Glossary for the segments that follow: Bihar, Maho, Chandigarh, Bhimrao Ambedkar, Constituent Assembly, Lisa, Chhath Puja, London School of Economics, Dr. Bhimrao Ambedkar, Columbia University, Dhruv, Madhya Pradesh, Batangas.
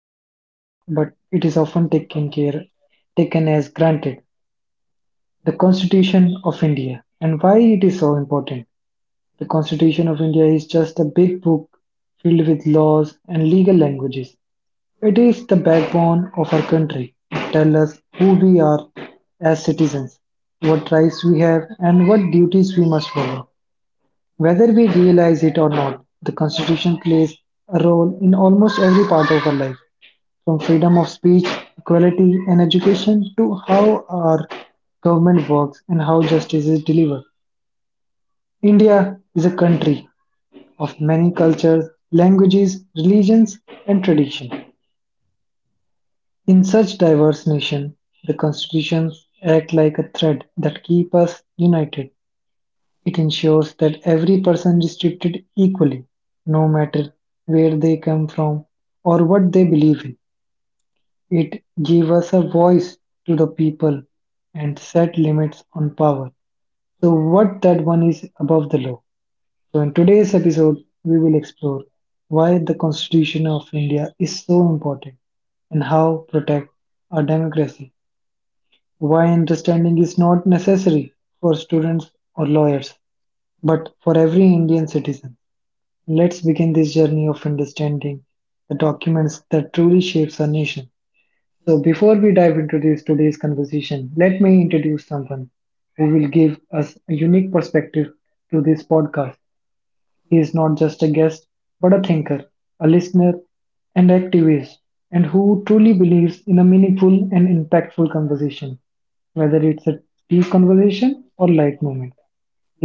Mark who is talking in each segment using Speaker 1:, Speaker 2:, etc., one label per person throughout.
Speaker 1: our daily lives, but it is often taken as granted. The Constitution of India and why it is so important. The Constitution of India is just a big book filled with laws and legal languages. It is the backbone of our country. It tells us who we are as citizens, what rights we have, and what duties we must follow. Whether we realize it or not, the Constitution plays a role in almost every part of our life, from freedom of speech, equality, and education to how our government works and how justice is delivered. India is a country of many cultures, languages, religions, and traditions. In such diverse nation, the constitutions act like a thread that keep us united. It ensures that every person is treated equally, no matter where they come from or what they believe in. It gives us a voice to the people and set limits on power. So what that one is above the law. So in today's episode, we will explore why the Constitution of India is so important and how protect our democracy. Why understanding is not necessary for students or lawyers, but for every Indian citizen. Let's begin this journey of understanding the documents that truly shapes our nation. So before we dive into this today's conversation, let me introduce someone who will give us a unique perspective to this podcast. He is not just a guest, but a thinker, a listener, and activist, and who truly believes in a meaningful and impactful conversation. Whether it's a deep conversation or light moment,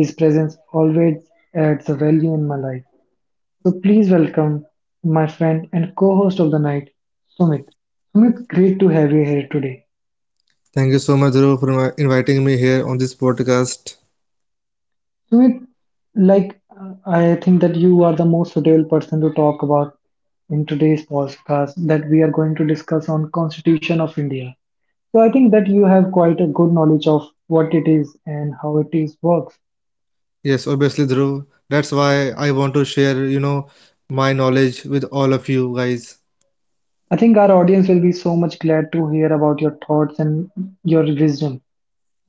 Speaker 1: his presence always adds a value in my life. So please welcome my friend and co-host of the night, Sumit. Sumit, great to have you here today.
Speaker 2: Thank you so much, Dhruv, for inviting me here on this podcast.
Speaker 1: Sumit, like I think that you are the most suitable person to talk about in today's podcast that we are going to discuss on Constitution of India. So I think that you have quite a good knowledge of what it is and how it is works.
Speaker 2: Yes, obviously, Dhruv. That's why I want to share, you know, my knowledge with all of you guys.
Speaker 1: I think our audience will be so much glad to hear about your thoughts and your wisdom.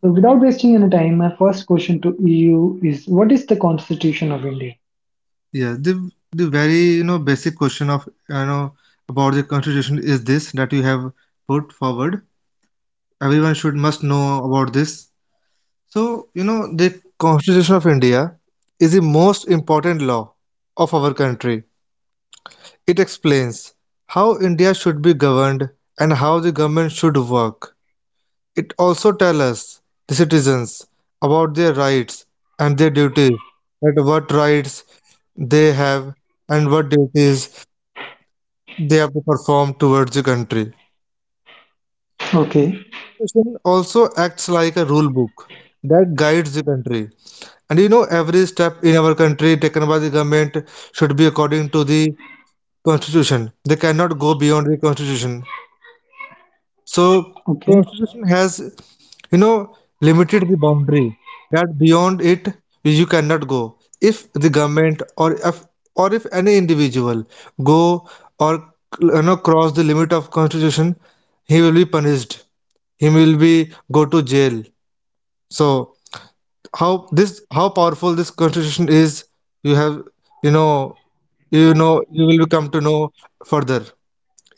Speaker 1: So without wasting any time, my first question to you is what is the Constitution of India?
Speaker 2: Yeah, the the very basic question of you know about the constitution is this that you have put forward. Everyone should must know about this. So, you know, the Constitution of India is the most important law of our country. It explains how India should be governed and how the government should work. It also tells us, the citizens, about their rights and their duties, that what rights they have and what duties they have to perform towards the country.
Speaker 1: Okay.
Speaker 2: Constitution also acts like a rule book that guides the country. And you know, every step in our country taken by the government should be according to the constitution. They cannot go beyond the constitution. So,
Speaker 1: Okay.
Speaker 2: constitution has, you know, limited the boundary that beyond it you cannot go. If the government or if any individual go or you know cross the limit of constitution, he will be punished. He will be go to jail. So how powerful this constitution is, you have you know you know you will come to know further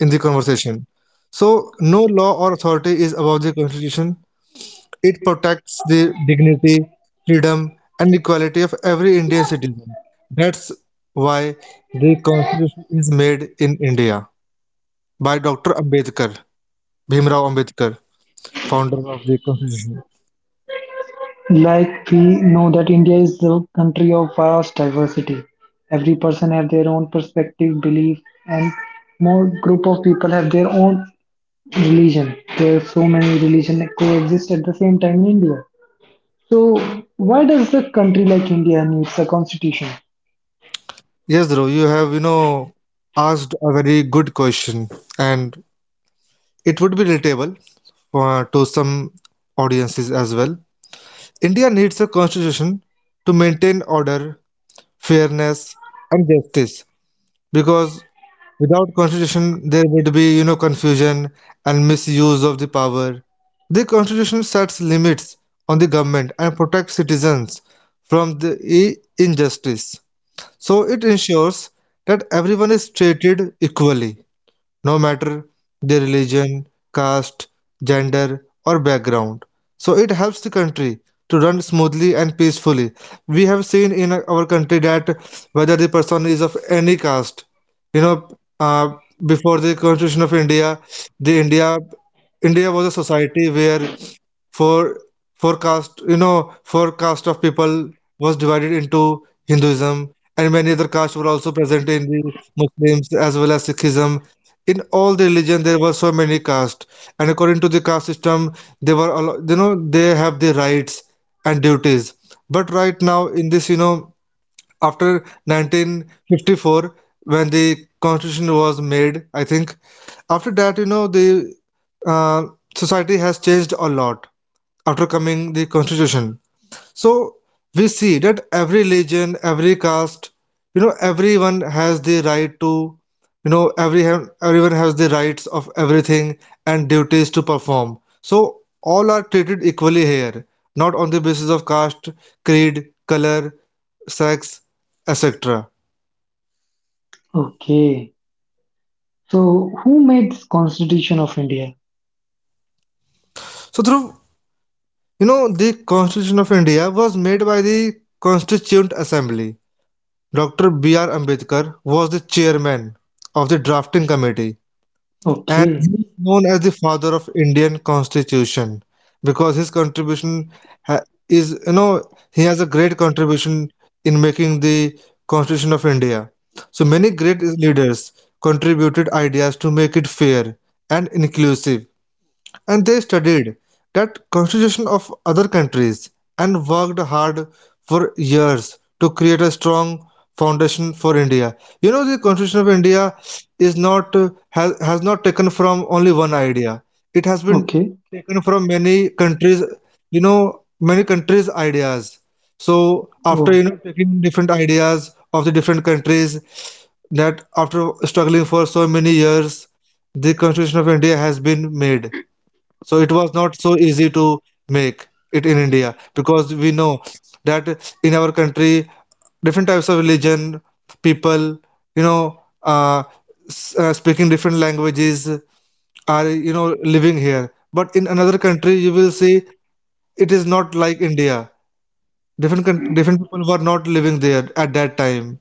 Speaker 2: in the conversation. So no law or authority is above the constitution. It protects the dignity, freedom, and equality of every Indian citizen. That's why the constitution is made in India by Dr. Ambedkar, Bhimrao Ambedkar, founder of the constitution.
Speaker 1: Like we know that India is the country of vast diversity. Every person have their own perspective, belief, and more group of people have their own religion. There are so many religion that coexist at the same time in India. So why does a country like India needs a constitution?
Speaker 2: Yes, Dhruv, you have, you know, asked a very good question, and it would be relatable to some audiences as well. India needs a constitution to maintain order, fairness, and justice, because without constitution there would be, you know, confusion and misuse of the power. The constitution sets limits on the government and protects citizens from the injustice. So it ensures that everyone is treated equally, no matter their religion, caste, gender, or background. So it helps the country to run smoothly and peacefully. We have seen in our country that whether the person is of any caste, you know, uh, before the Constitution of India, the India was a society where for forecast forecast of people was divided into Hinduism, and many other castes were also present in the Muslims as well as Sikhism. In all the religion there were so many castes, and according to the caste system they were they have the rights and duties. But right now, in this you know, after 1954, when the constitution was made, I think, after that you know the uh, society has changed a lot after coming the constitution. So we see that every religion, every caste, you know, everyone has the right to, you know, everyone has the rights of everything and duties to perform. So all are treated equally here, not on the basis of caste, creed, color, sex, etc.
Speaker 1: Okay. So who made this constitution of India?
Speaker 2: So through you know the Constitution of India was made by the Constituent Assembly. Doctor B. R. Ambedkar was the chairman of the drafting committee, and he
Speaker 1: Okay.
Speaker 2: is known as the father of Indian constitution because his contribution ha- is you know he has a great contribution in making the constitution of India. So many great leaders contributed ideas to make it fair and inclusive, and they studied that constitution of other countries and worked hard for years to create a strong foundation for India. You know, the constitution of India is not has not taken from only one idea. It has been
Speaker 1: Okay.
Speaker 2: taken from many countries, you know, many countries ideas. So after you
Speaker 1: Oh.
Speaker 2: know taking different ideas of the different countries, that, after struggling for so many years, the constitution of India has been made. So it was not so easy to make it in India, because we know that in our country, different types of religion, people, you know, speaking different languages are, you know, living here. But in another country, you will see it is not like India. Different people were not living there at that time.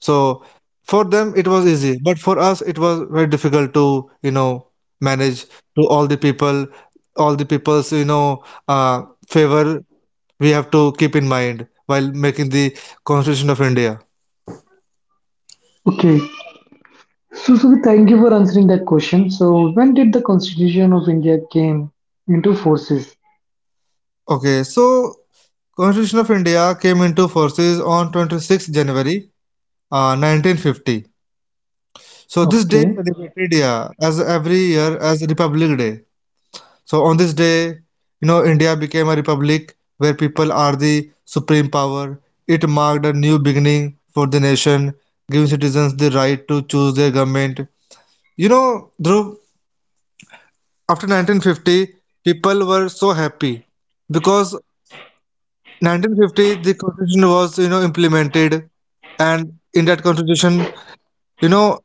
Speaker 2: So for them it was easy, but for us it was very difficult to, you know, manage to all the people, all the people's, you know, uh, favor we have to keep in mind while making the Constitution of India.
Speaker 1: Okay. So, so thank you for answering that question. So, when did the Constitution of India came into forces?
Speaker 2: Okay, so Constitution of India came into forces on 26th January 1950. So this day
Speaker 1: Okay,
Speaker 2: celebrated, yeah, as every year as Republic Day. So on this day, you know, India became a republic where people are the supreme power. It marked a new beginning for the nation, giving citizens the right to choose their government. You know, Dhruv, after 1950, people were so happy because 1950 the constitution was you know implemented, and in that constitution, you know,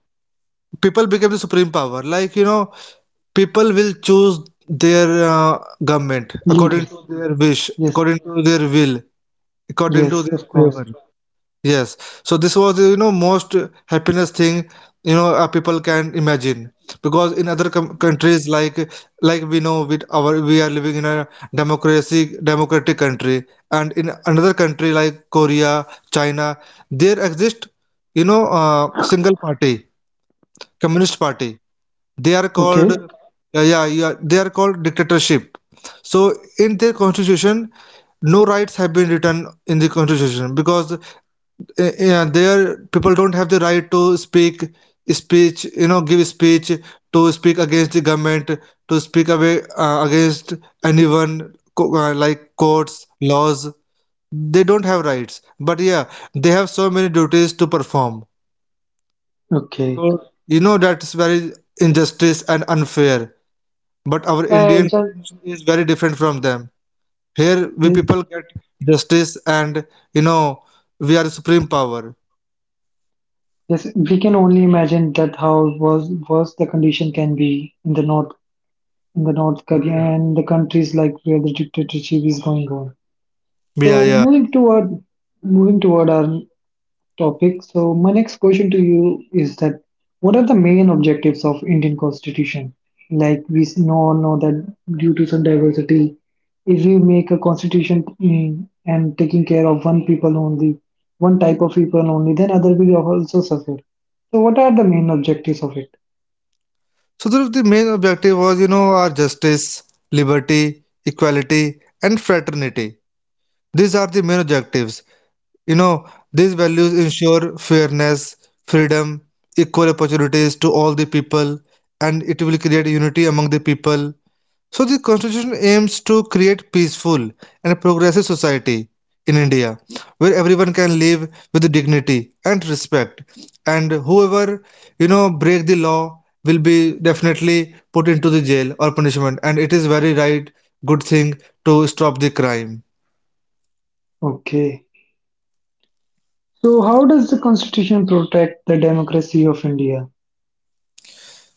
Speaker 2: people became the supreme power. Like you know, people will choose their government according to
Speaker 1: leaders.
Speaker 2: their wish,
Speaker 1: Yes,
Speaker 2: according to their will, according to
Speaker 1: yes,
Speaker 2: their
Speaker 1: of course.
Speaker 2: favor. Yes. So this was you know most happiness thing, you know, people can imagine, because in other countries like we know, with our we are living in a democracy democratic country, and in another country like Korea, China, there exist you know single party, communist party, they are called,
Speaker 1: Okay,
Speaker 2: yeah, yeah, they are called dictatorship. So in their constitution no rights have been written in the constitution because yeah, their people don't have the right to speak speech, you know, give speech, to speak against the government, to speak away against anyone, like courts, laws, they don't have rights, but yeah, they have so many duties to perform. So
Speaker 1: okay.
Speaker 2: you know that's very injustice and unfair, but our
Speaker 1: So, I
Speaker 2: Indian
Speaker 1: just
Speaker 2: constitution is very different from them. Here we
Speaker 1: yes,
Speaker 2: people get justice, and you know, we are the supreme power.
Speaker 1: yes. We can only imagine that how was worse the condition can be in the North Korea and the countries like where the dictatorship is going on.
Speaker 2: Yeah,
Speaker 1: So,
Speaker 2: yeah.
Speaker 1: moving toward our topic. So my next question to you is that what are the main objectives of Indian Constitution? Like we know that due to some diversity, if we make a constitution and taking care of one people only, one type of people only, then other will also suffer. So what are the main objectives of it?
Speaker 2: So Dhruv, the main objective was you know our justice, liberty, equality, and fraternity. These are the main objectives. You know these values ensure fairness, freedom, equal opportunities to all the people, and it will create unity among the people. So the constitution aims to create peaceful and progressive society in India where everyone can live with dignity and respect, and whoever you know break the law will be definitely put into the jail or punishment, and it is very right good thing to stop the crime.
Speaker 1: Okay. So how does the constitution protect the democracy of India?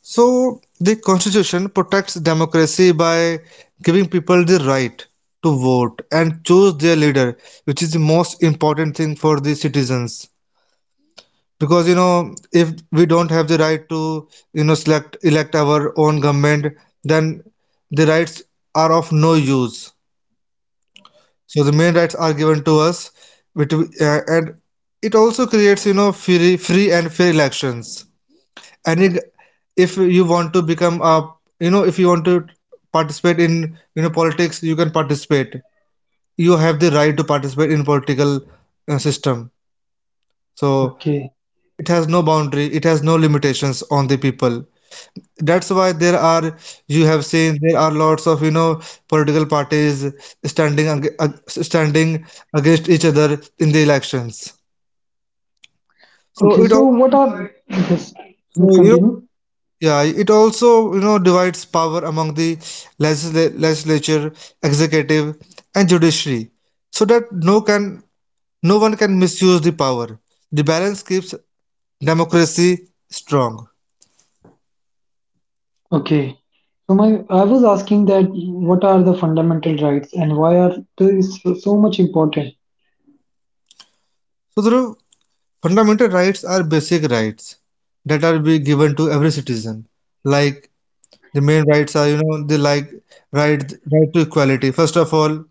Speaker 2: So the constitution protects democracy by giving people the right to vote and choose their leader, which is the most important thing for the citizens, because you know if we don't have the right to, you know, select elect our own government, then the rights are of no use. So the main rights are given to us, which and it also creates, you know, free and fair elections. And it, if you want to become a, you know, if you want to participate in, you know, politics, you can participate. You have the right to participate in political system. So
Speaker 1: Okay.
Speaker 2: it has no boundary, it has no limitations on the people. That's why there are, you have seen, there are lots of you know political parties standing standing against each other in the elections. So
Speaker 1: Okay.
Speaker 2: it
Speaker 1: So
Speaker 2: also
Speaker 1: what
Speaker 2: divides.
Speaker 1: are yes?
Speaker 2: So
Speaker 1: Sumit,
Speaker 2: you know,
Speaker 1: continue.
Speaker 2: yeah, it also you know divides power among the legislature, executive, and judiciary, so that no one can misuse the power. The balance keeps democracy strong.
Speaker 1: Okay. So my, I was asking that what are the fundamental rights and why are they so, so much important?
Speaker 2: So Dhruv, Fundamental rights are basic rights that are be given to every citizen. Like the main rights are, you know, the like right right to equality. First of all,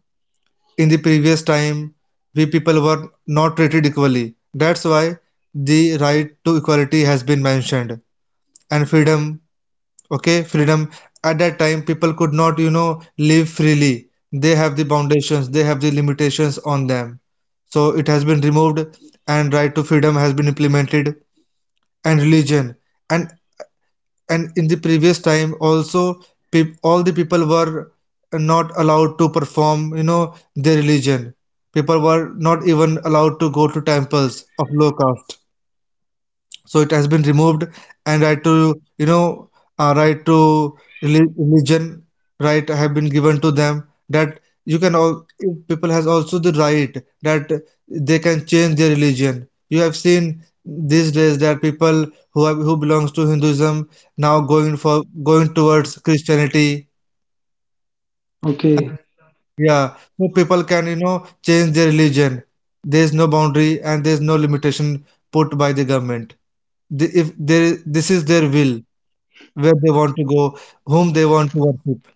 Speaker 2: in the previous time, we people were not treated equally. That's why the right to equality has been mentioned, and freedom. Okay, freedom. At that time, people could not, you know, live freely. They have the foundations. They have the limitations on them. So it has been removed, and right to freedom has been implemented, and religion. and and in the previous time also, peop all the people were not allowed to perform, you know, their religion. People were not even allowed to go to temples of low caste, so it has been removed, and right to, you know, uh, right to religion right have been given to them. That you can all, people has also the right that they can change their religion. You have seen these days that people who have, who belongs to Hinduism, now going towards Christianity.
Speaker 1: Okay.
Speaker 2: Yeah, so people can, you know, change their religion. There is no boundary, and there is no limitation put by the government. The, if there is, this is their will, where they want to go, whom they want to worship.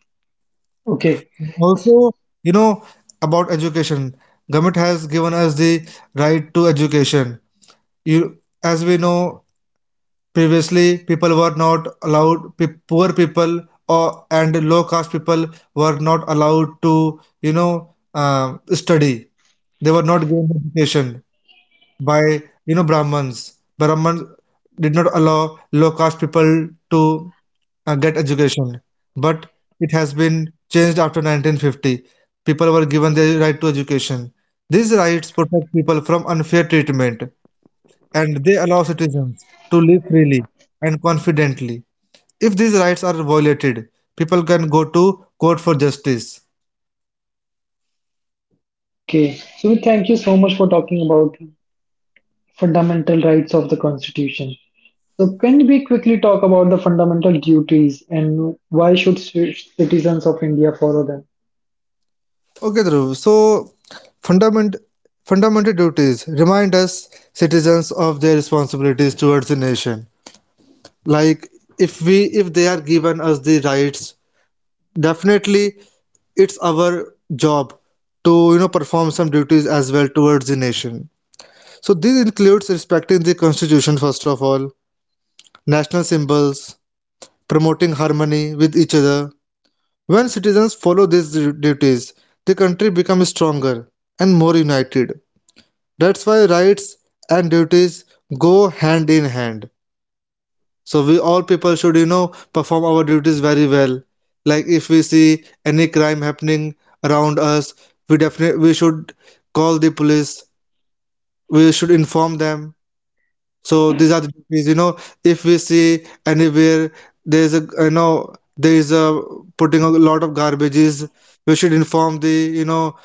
Speaker 1: Okay.
Speaker 2: Also, you know, about education. Government has given us the right to education. You, as we know, previously people were not allowed. Poor people or and low caste people were not allowed to, you know, study. They were not given education by Brahmins. Brahmins did not allow low caste people to get education, but it has been changed after 1950. People were given the right to education. These rights protect people from unfair treatment, and they allow citizens to live freely and confidently. If these rights are violated, people can go to court for justice.
Speaker 1: Okay. So thank you so much for talking about fundamental rights of the Constitution. So can we quickly talk about the fundamental duties and why should citizens of India follow them?
Speaker 2: Okay, Dhruv. So, fundament, fundamental duties remind us citizens of their responsibilities towards the nation. Like, if they are given us the rights, definitely it's our job to, perform some duties as well towards the nation. So, this includes respecting the constitution first of all, national symbols, promoting harmony with each other. When citizens follow these duties, the country becomes stronger and more united. That's why rights and duties go hand in hand. So we all people should, perform our duties very well. Like if we see any crime happening around us, we definitely we should call the police. We should inform them. So these are the duties. If we see anywhere there is a putting a lot of garbages, we should inform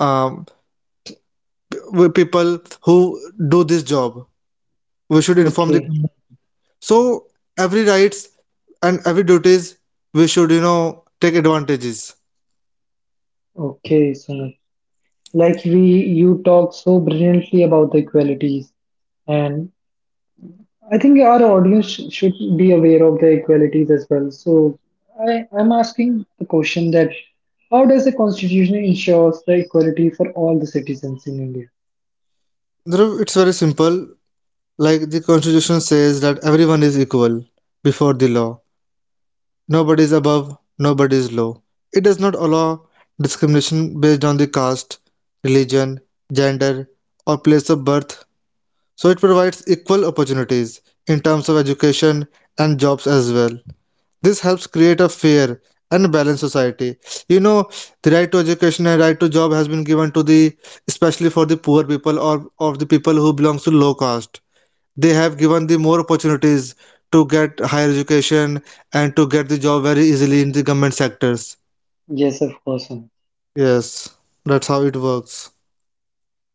Speaker 2: um, people who do this job. We should inform the.
Speaker 1: Okay.
Speaker 2: So every rights and every duties we should take advantages.
Speaker 1: Okay. So like we, you talk so brilliantly about the equalities and I think our audience should be aware of the equalities as well. So I'm asking the question that how does the constitution ensures the equality for all the citizens in India?
Speaker 2: Dhruv, it's very simple. Like the constitution says that everyone is equal before the law. Nobody is above, nobody is low. It does not allow discrimination based on the caste, religion, gender, or place of birth. So it provides equal opportunities in terms of education and jobs as well. This helps create a fair and balanced society. You know, the right to education and right to job has been given to the, especially for the poor people or of the people who belongs to low caste. They have given the more opportunities to get higher education and to get the job very easily in the government sectors.
Speaker 1: Yes, of course. Sumit.
Speaker 2: Yes, that's how it works.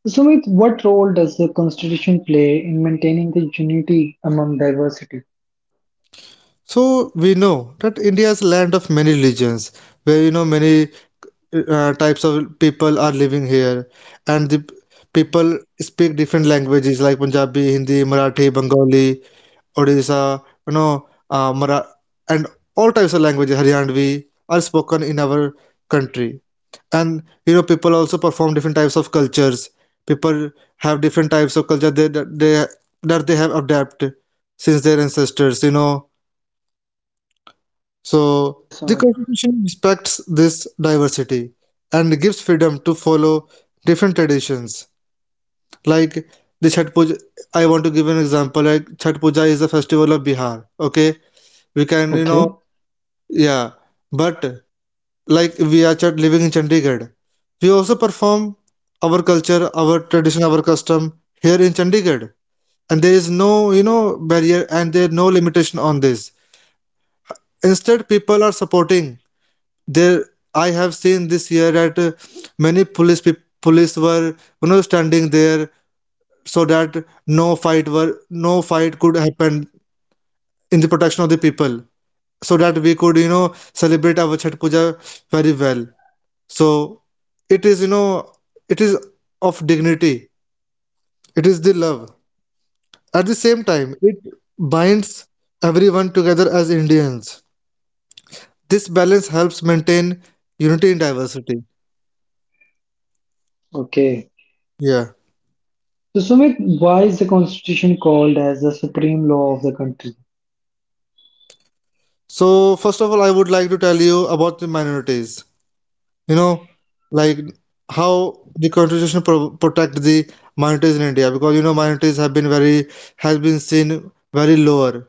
Speaker 1: Sumit, what role does the constitution play in maintaining the unity among diversity?
Speaker 2: So we know that India is a land of many religions, where you know many types of people are living here, and people speak different languages like Punjabi, Hindi, Marathi, Bengali, Odisha, you know, uh, Mara- and all types of languages, Haryanvi, are spoken in our country. And you know, people also perform different types of cultures. People have different types of culture they, that they that they have adapted since their ancestors. You know, so
Speaker 1: Yes,
Speaker 2: the
Speaker 1: Sumit.
Speaker 2: constitution respects this diversity and gives freedom to follow different traditions. Like the Chhat Puja, I want to give an example. Like Chhat Puja is a festival of Bihar. Okay, we can you
Speaker 1: Okay.
Speaker 2: know yeah, but like we are living in Chandigarh, we also perform our culture, our tradition, our custom here in Chandigarh, and there is no you know barrier, and there no limitation on this. Instead, people are supporting there. I have seen this year that many police were you know standing there so that no fight could happen in the protection of the people, so that we could you know celebrate our Chhath puja very well. So it is you know it is of dignity, it is the love. At the same time, it binds everyone together as Indians. This balance helps maintain unity in diversity.
Speaker 1: Okay.
Speaker 2: Yeah.
Speaker 1: So Sumit, why is the constitution called as the supreme law of the country?
Speaker 2: So, first of all, I would like to tell you about the minorities. You know, like how the constitution protect the minorities in India, because you know minorities have been very has been seen very lower.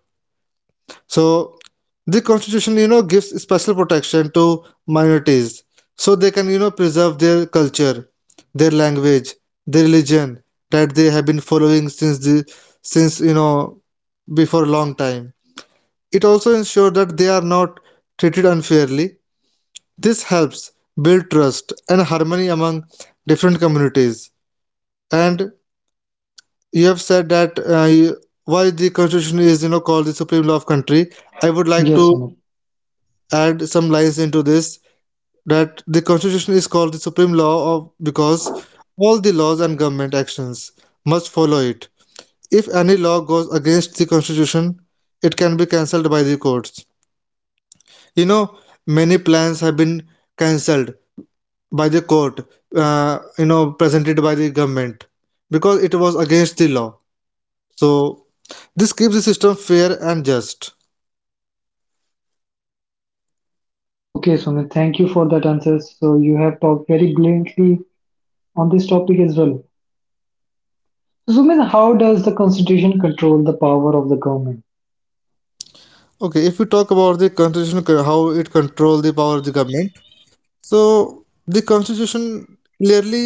Speaker 2: So, the constitution you know gives special protection to minorities, so they can you know preserve their culture, their language, their religion that they have been following since you know before a long time. It also ensures that they are not treated unfairly. This helps build trust and harmony among different communities. And you have said that why the constitution is you know called the supreme law of country. I would like
Speaker 1: Yes,
Speaker 2: to
Speaker 1: Sumit.
Speaker 2: add some lines into this, that the constitution is called the supreme law of, because all the laws and government actions must follow it. If any law goes against the constitution, it can be cancelled by the courts. You know, many plans have been cancelled by the court, you know presented by the government, because it was against the law. So this keeps the system fair and just.
Speaker 1: Okay, Sumit, thank you for that answer. So you have talked very brilliantly on this topic as well. So, Sumit, how does the constitution control the power of the government?
Speaker 2: Okay, if we talk about the constitution, how it controls the power of the government. So the constitution clearly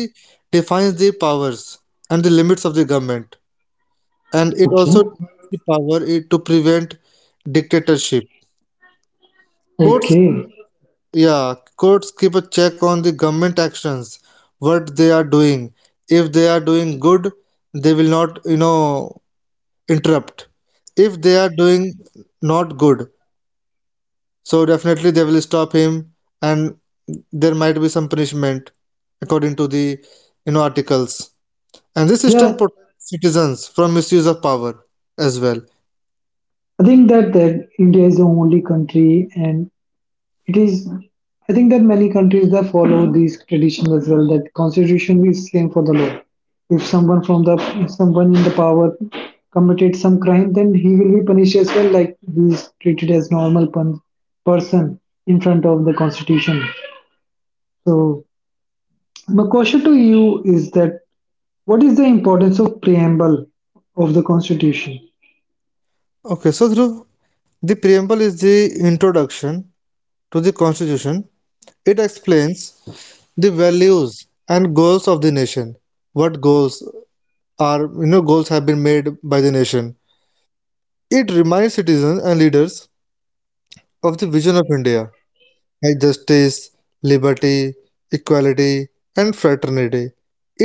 Speaker 2: defines the powers and the limits of the government, and it
Speaker 1: Okay.
Speaker 2: also divides the power to prevent dictatorship. Courts.
Speaker 1: Okay.
Speaker 2: Yeah, courts keep a check on the government actions, what they are doing. If they are doing good, they will not, you know, interrupt. If they are doing not good, so definitely they will stop him, and there might be some punishment according to the, you know, articles. And this system
Speaker 1: Yeah,
Speaker 2: protects citizens from misuse of power as well.
Speaker 1: I think that India is the only country, and it is. I think that many countries that follow these traditions as well. That constitution is same for the law. If someone from the if someone in the power committed some crime, then he will be punished as well. Like he is treated as normal person in front of the constitution. So my question to you is that what is the importance of preamble of the Constitution?
Speaker 2: Okay, so Dhruv, the preamble is the introduction to the constitution. It explains the values and goals of the nation, what goals are you know goals have been made by the nation. It reminds citizens and leaders of the vision of India, like justice, liberty, equality, and fraternity.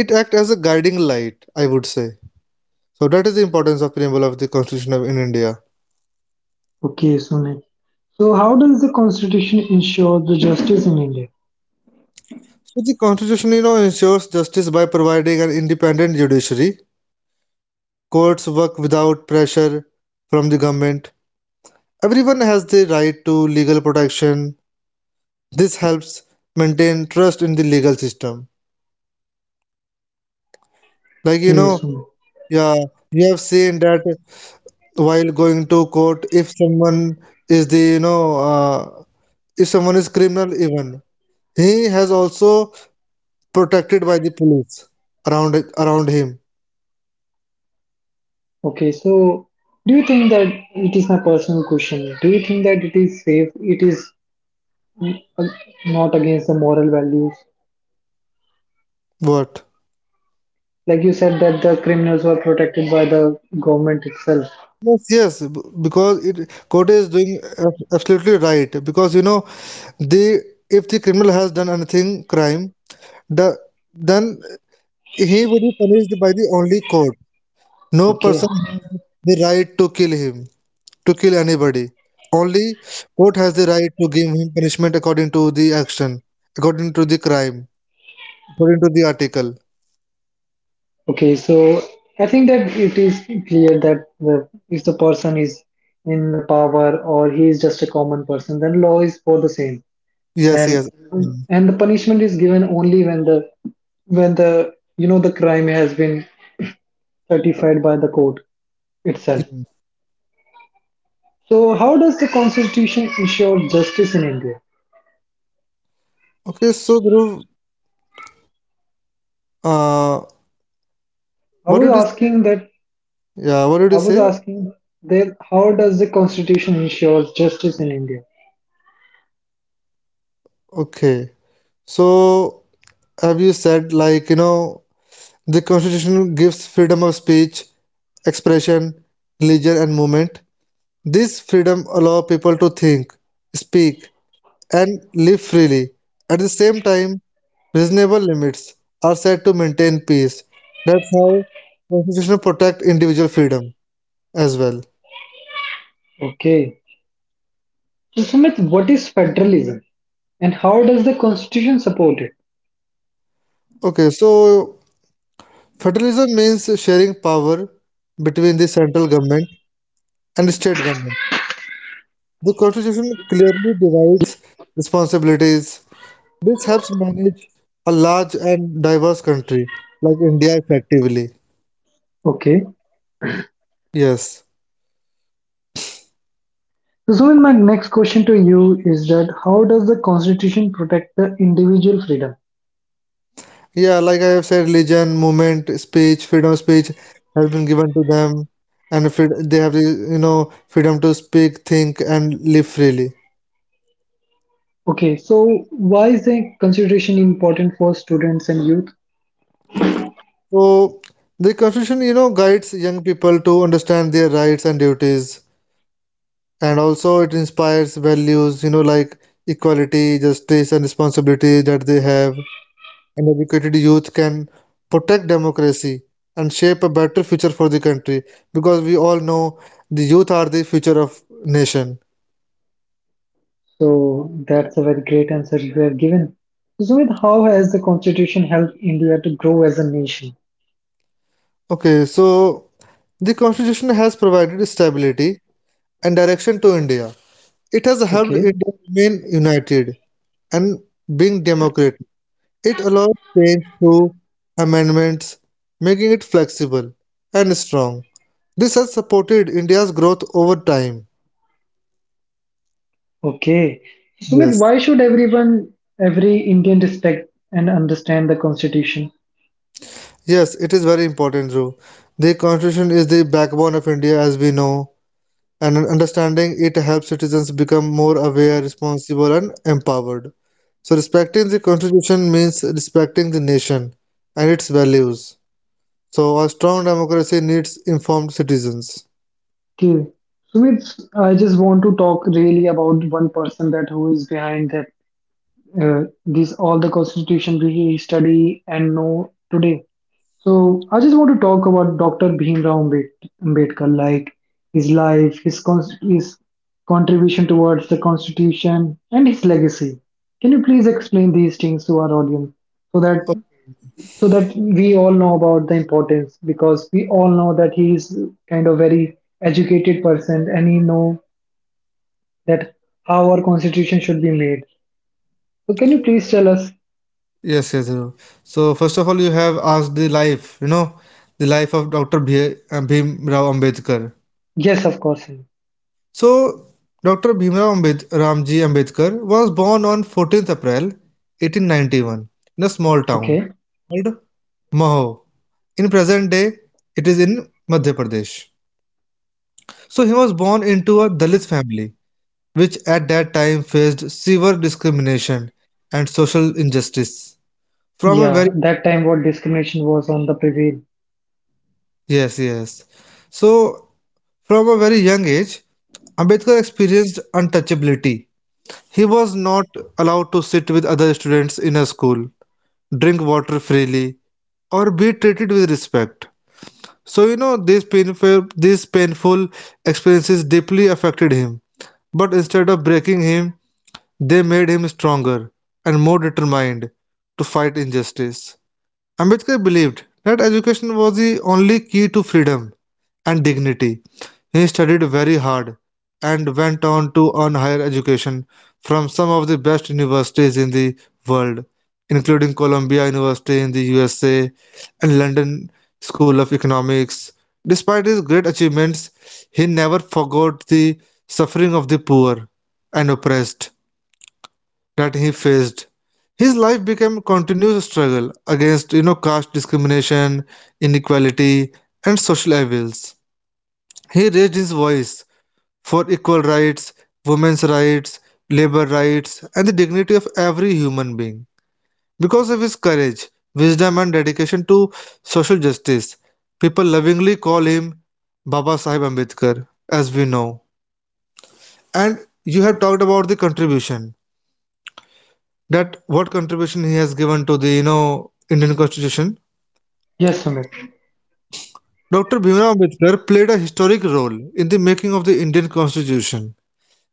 Speaker 2: It acts as a guiding light, I would say. So that is the importance of preamble of the constitution of, in India.
Speaker 1: Okay, Sunil. So, how does the Constitution ensure the justice in India?
Speaker 2: So the constitution you know ensures justice by providing an independent judiciary. Courts work without pressure from the government. Everyone has the right to legal protection. This helps maintain trust in the legal system. Like you
Speaker 1: Okay,
Speaker 2: know,
Speaker 1: Sunil.
Speaker 2: yeah, you have seen that while going to court, if someone is the you know, uh, if someone is criminal even, he has also protected by the police around him.
Speaker 1: Okay, so do you think that it is my personal question? Do you think that it is safe? It is mm, uh, not against the moral values?
Speaker 2: What?
Speaker 1: Like you said that the criminals were protected by the government itself.
Speaker 2: Yes, yes, because it court is doing absolutely right, because you know the, if the criminal has done anything crime, the then he would be punished by the only court. No
Speaker 1: Okay.
Speaker 2: person has the right to kill him, to kill anybody. Only court has the right to give him punishment according to the action, according to the crime, according to the article.
Speaker 1: Okay, so I think that it is clear that the, if the person is in the power or he is just a common person, then law is for the same,
Speaker 2: Yes,
Speaker 1: and
Speaker 2: yes.
Speaker 1: and the punishment is given only when the you know the crime has been certified by the court itself.
Speaker 2: Yes.
Speaker 1: So how does the constitution ensure justice in India?
Speaker 2: Okay, so Dhruv, uh,
Speaker 1: I
Speaker 2: what
Speaker 1: was
Speaker 2: did you say?
Speaker 1: asking that
Speaker 2: Yeah, what did you
Speaker 1: I was
Speaker 2: say?
Speaker 1: asking that how does the constitution ensure justice in India?
Speaker 2: Okay. So, have you said like, you know, the constitution gives freedom of speech, expression, religion, and movement. This freedom allows people to think, speak, and live freely. At the same time, reasonable limits are set to maintain peace. That's how constitution protect individual freedom as well.
Speaker 1: Okay. So Sumit, what is federalism? And how does the constitution support it?
Speaker 2: Okay, so federalism means sharing power between the central government and state government. The constitution clearly divides responsibilities. This helps manage a large and diverse country like India effectively.
Speaker 1: Okay.
Speaker 2: Yes.
Speaker 1: So Sumit, my next question to you is that how does the constitution protect the individual freedom?
Speaker 2: Yeah, like I have said, religion, movement, speech, freedom of speech has been given to them, and they have the you know freedom to speak, think, and live freely.
Speaker 1: Okay, so why is the constitution important for students and youth?
Speaker 2: So the Constitution, you know, guides young people to understand their rights and duties, and also it inspires values, you know, like equality, justice, and responsibility that they have. And educated youth can protect democracy and shape a better future for the country, because we all know the youth are the future of nation.
Speaker 1: So that's a very great answer you have given. So Sumit, how has the constitution helped India to grow as a nation?
Speaker 2: Okay, so the constitution has provided stability and direction to India. It has helped
Speaker 1: Okay.
Speaker 2: India remain united and being democratic. It allows change through amendments, making it flexible and strong. This has supported India's growth over time.
Speaker 1: Okay. Sumit,
Speaker 2: Yes,
Speaker 1: why should everyone, every Indian respect and understand the constitution?
Speaker 2: yes, it is very important, Dhruv. The constitution is the backbone of India, as we know, and understanding it helps citizens become more aware, responsible, and empowered. So, respecting the Constitution means respecting the nation and its values. So, a strong democracy needs informed citizens.
Speaker 1: Okay, Sumit, I just want to talk really about one person that who is behind that this all the constitution we study and know today. So I just want to talk about Dr. Bhimrao Ambedkar, like his life, his contribution towards the constitution, and his legacy. Can you please explain these things to our audience so that so that we all know about the importance because we all know that he is kind of very educated person and he know that how our constitution should be made so can you please tell us
Speaker 2: Yes, yes, you. So first of all, you have asked the life, you know, the life of Dr. Bhim Rao Ambedkar.
Speaker 1: yes of course Sumit.
Speaker 2: So Dr. Ramji Ambedkar was born on 14th April 1891 in a small town
Speaker 1: Okay,
Speaker 2: called Maho. In present day, it is in Madhya Pradesh. So he was born into a Dalit family, which at that time faced severe discrimination and social injustice. From a
Speaker 1: yeah,
Speaker 2: very,
Speaker 1: that time what discrimination was on the prevail.
Speaker 2: yes, yes. So from a very young age, Ambedkar experienced untouchability. He was not allowed to sit with other students in a school, drink water freely, or be treated with respect. So you know these painful experiences deeply affected him. But instead of breaking him, they made him stronger and more determined to fight injustice. Ambedkar believed that education was the only key to freedom and dignity. He studied very hard and went on to earn higher education from some of the best universities in the world, including Columbia University in the USA and London School of Economics. Despite his great achievements, he never forgot the suffering of the poor and oppressed that he faced. His life became a continuous struggle against caste discrimination, inequality, and social evils. He raised his voice for equal rights, women's rights, labor rights, and the dignity of every human being. Because of his courage, wisdom, and dedication to social justice, people lovingly call him Baba Sahib Ambedkar, as we know. And you have talked about the contribution, that what contribution he has given to the Indian Constitution.
Speaker 1: Yes, Sumit.
Speaker 2: Dr. Bhimrao Ambedkar played a historic role in the making of the Indian Constitution.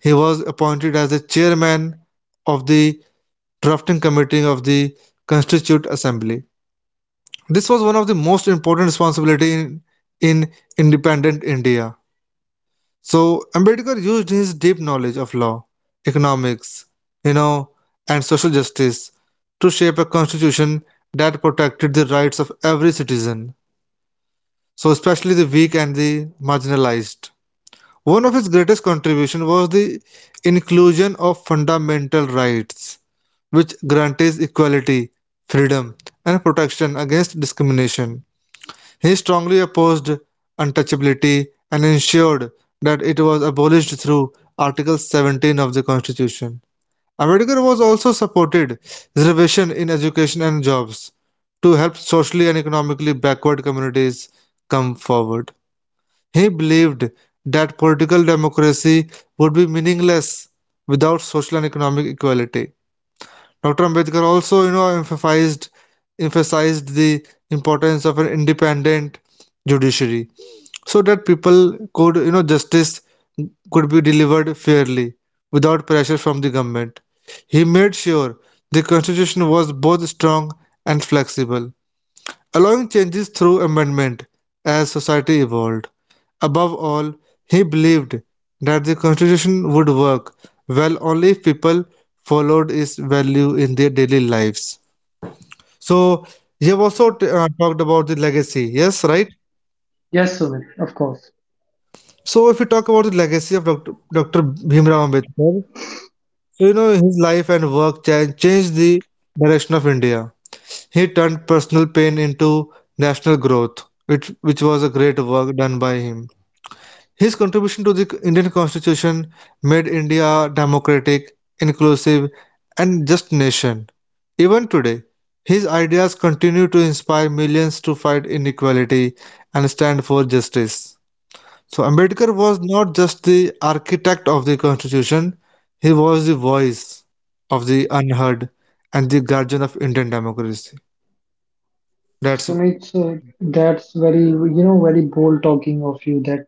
Speaker 2: He was appointed as the chairman of the drafting committee of the Constituent Assembly. This was one of the most important responsibility in independent India. So Ambedkar used his deep knowledge of law, economics, you know, and social justice to shape a constitution that protected the rights of every citizen, so especially the weak and the marginalized. One of his greatest contributions was the inclusion of fundamental rights, which guarantees equality, freedom, and protection against discrimination. He strongly opposed untouchability and ensured that it was abolished through Article 17 of the Constitution. Ambedkar was also supported reservation in education and jobs to help socially and economically backward communities come forward. He believed that political democracy would be meaningless without social and economic equality. Dr. Ambedkar also, emphasized the importance of an independent judiciary so that people could you know justice could be delivered fairly without pressure from the government. He made sure the constitution was both strong and flexible, allowing changes through amendment as society evolved. Above all, he believed that the constitution would work well only if people followed its value in their daily lives. So you have also talked about the legacy, yes, right?
Speaker 1: Yes, Sumit, of course.
Speaker 2: So, if we talk about the legacy of Dr. Bhimrao Ambedkar, so his life and work changed the direction of India. He turned personal pain into national growth, which was a great work done by him. His contribution to the Indian Constitution made India a democratic, inclusive, and just nation. Even today, his ideas continue to inspire millions to fight inequality and stand for justice. So Ambedkar was not just the architect of the constitution, he was the voice of the unheard and the guardian of Indian democracy. That's So
Speaker 1: Sumit, so that's very, you know, very bold talking of you that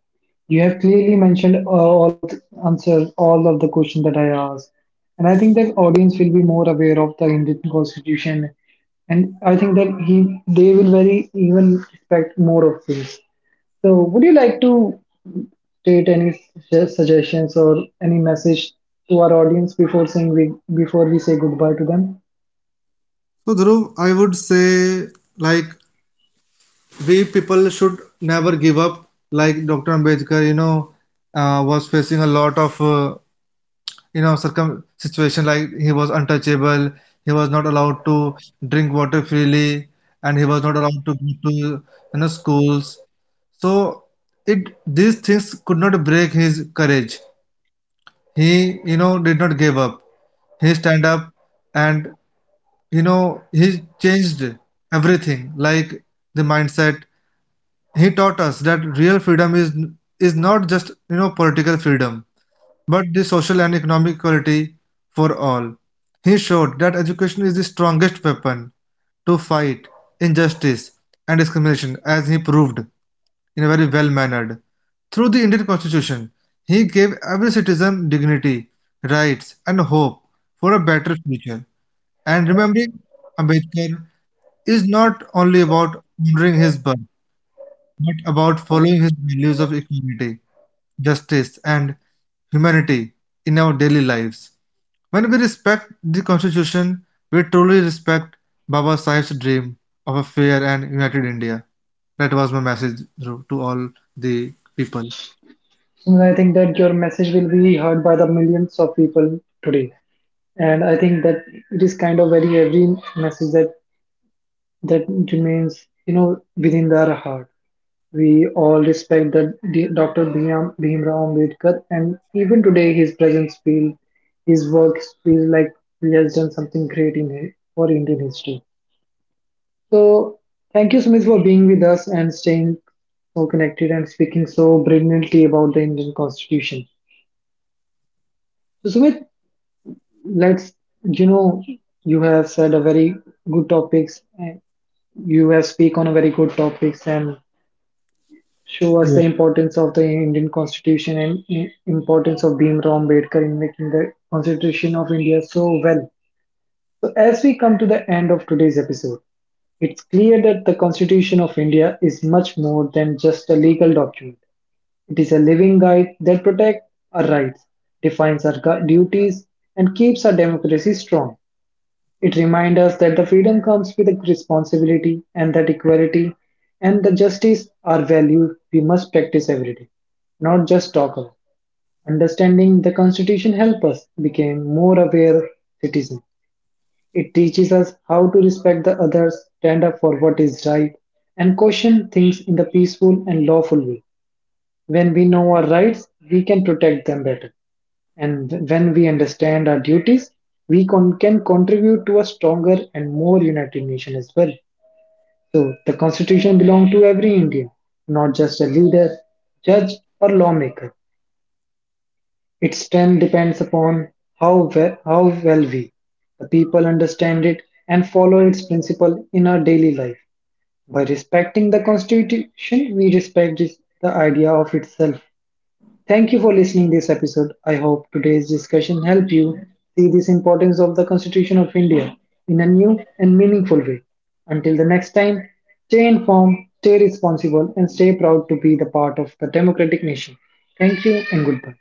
Speaker 1: you have clearly mentioned all of the answers, all of the questions that I asked. And I think that audience will be more aware of the Indian constitution. And I think that he, they will very even expect more of this. So would you like to state any suggestions or any message to our audience before saying we, before we say goodbye to them?
Speaker 2: Dhruv, I would say like we people should never give up. Like Dr. Ambedkar, was facing a lot of you know circum situation. Like he was untouchable, he was not allowed to drink water freely, and he was not allowed to go to schools. So it these things could not break his courage. He did not give up. He stand up and he changed everything, like the mindset. He taught us that real freedom is not just political freedom, but the social and economic equality for all. He showed that education is the strongest weapon to fight injustice and discrimination, as he proved, in a very well-mannered. Through the Indian Constitution, he gave every citizen dignity, rights and hope for a better future. And remembering Ambedkar is not only about honoring his birth, but about following his values of equality, justice and humanity in our daily lives. When we respect the Constitution, we truly respect Baba Saheb's dream of a fair and united India. That was my message Dhruv, to all the people.
Speaker 1: And I think that your message will be heard by the millions of people today. And I think that it is kind of very every message that that remains you know within our heart. We all respect the Dr. Bhimrao Ambedkar and even today his presence feel, his works feel like he has done something great in for Indian history. So thank you Sumit for being with us and staying so connected and speaking so brilliantly about the Indian Constitution. So Sumit, let's you know you have said a very good topics. You have speak on a very good topics and show us the
Speaker 2: Yeah.
Speaker 1: importance of the Indian Constitution and importance of Bhimrao Ambedkar in making the Constitution of India so well. So as we come to the end of today's episode, it's clear that the Constitution of India is much more than just a legal document. It is a living guide that protects our rights, defines our duties, and keeps our democracy strong. It reminds us that the freedom comes with a responsibility and that equality and the justice are values we must practice every day, not just talk about. Understanding the Constitution helps us become more aware citizens. It teaches us how to respect the others, stand up for what is right, and question things in the peaceful and lawful way. When we know our rights, we can protect them better. And when we understand our duties, we can contribute to a stronger and more united nation as well. So the constitution belongs to every Indian, not just a leader, judge, or lawmaker. Its strength depends upon how well we, the people, understand it and follow its principle in our daily life. By respecting the constitution, we respect the idea of itself. Thank you for listening this episode. I hope today's discussion helped you see this importance of the Constitution of India in a new and meaningful way. Until the next time, stay informed, stay responsible and stay proud to be the part of the democratic nation. Thank you and goodbye.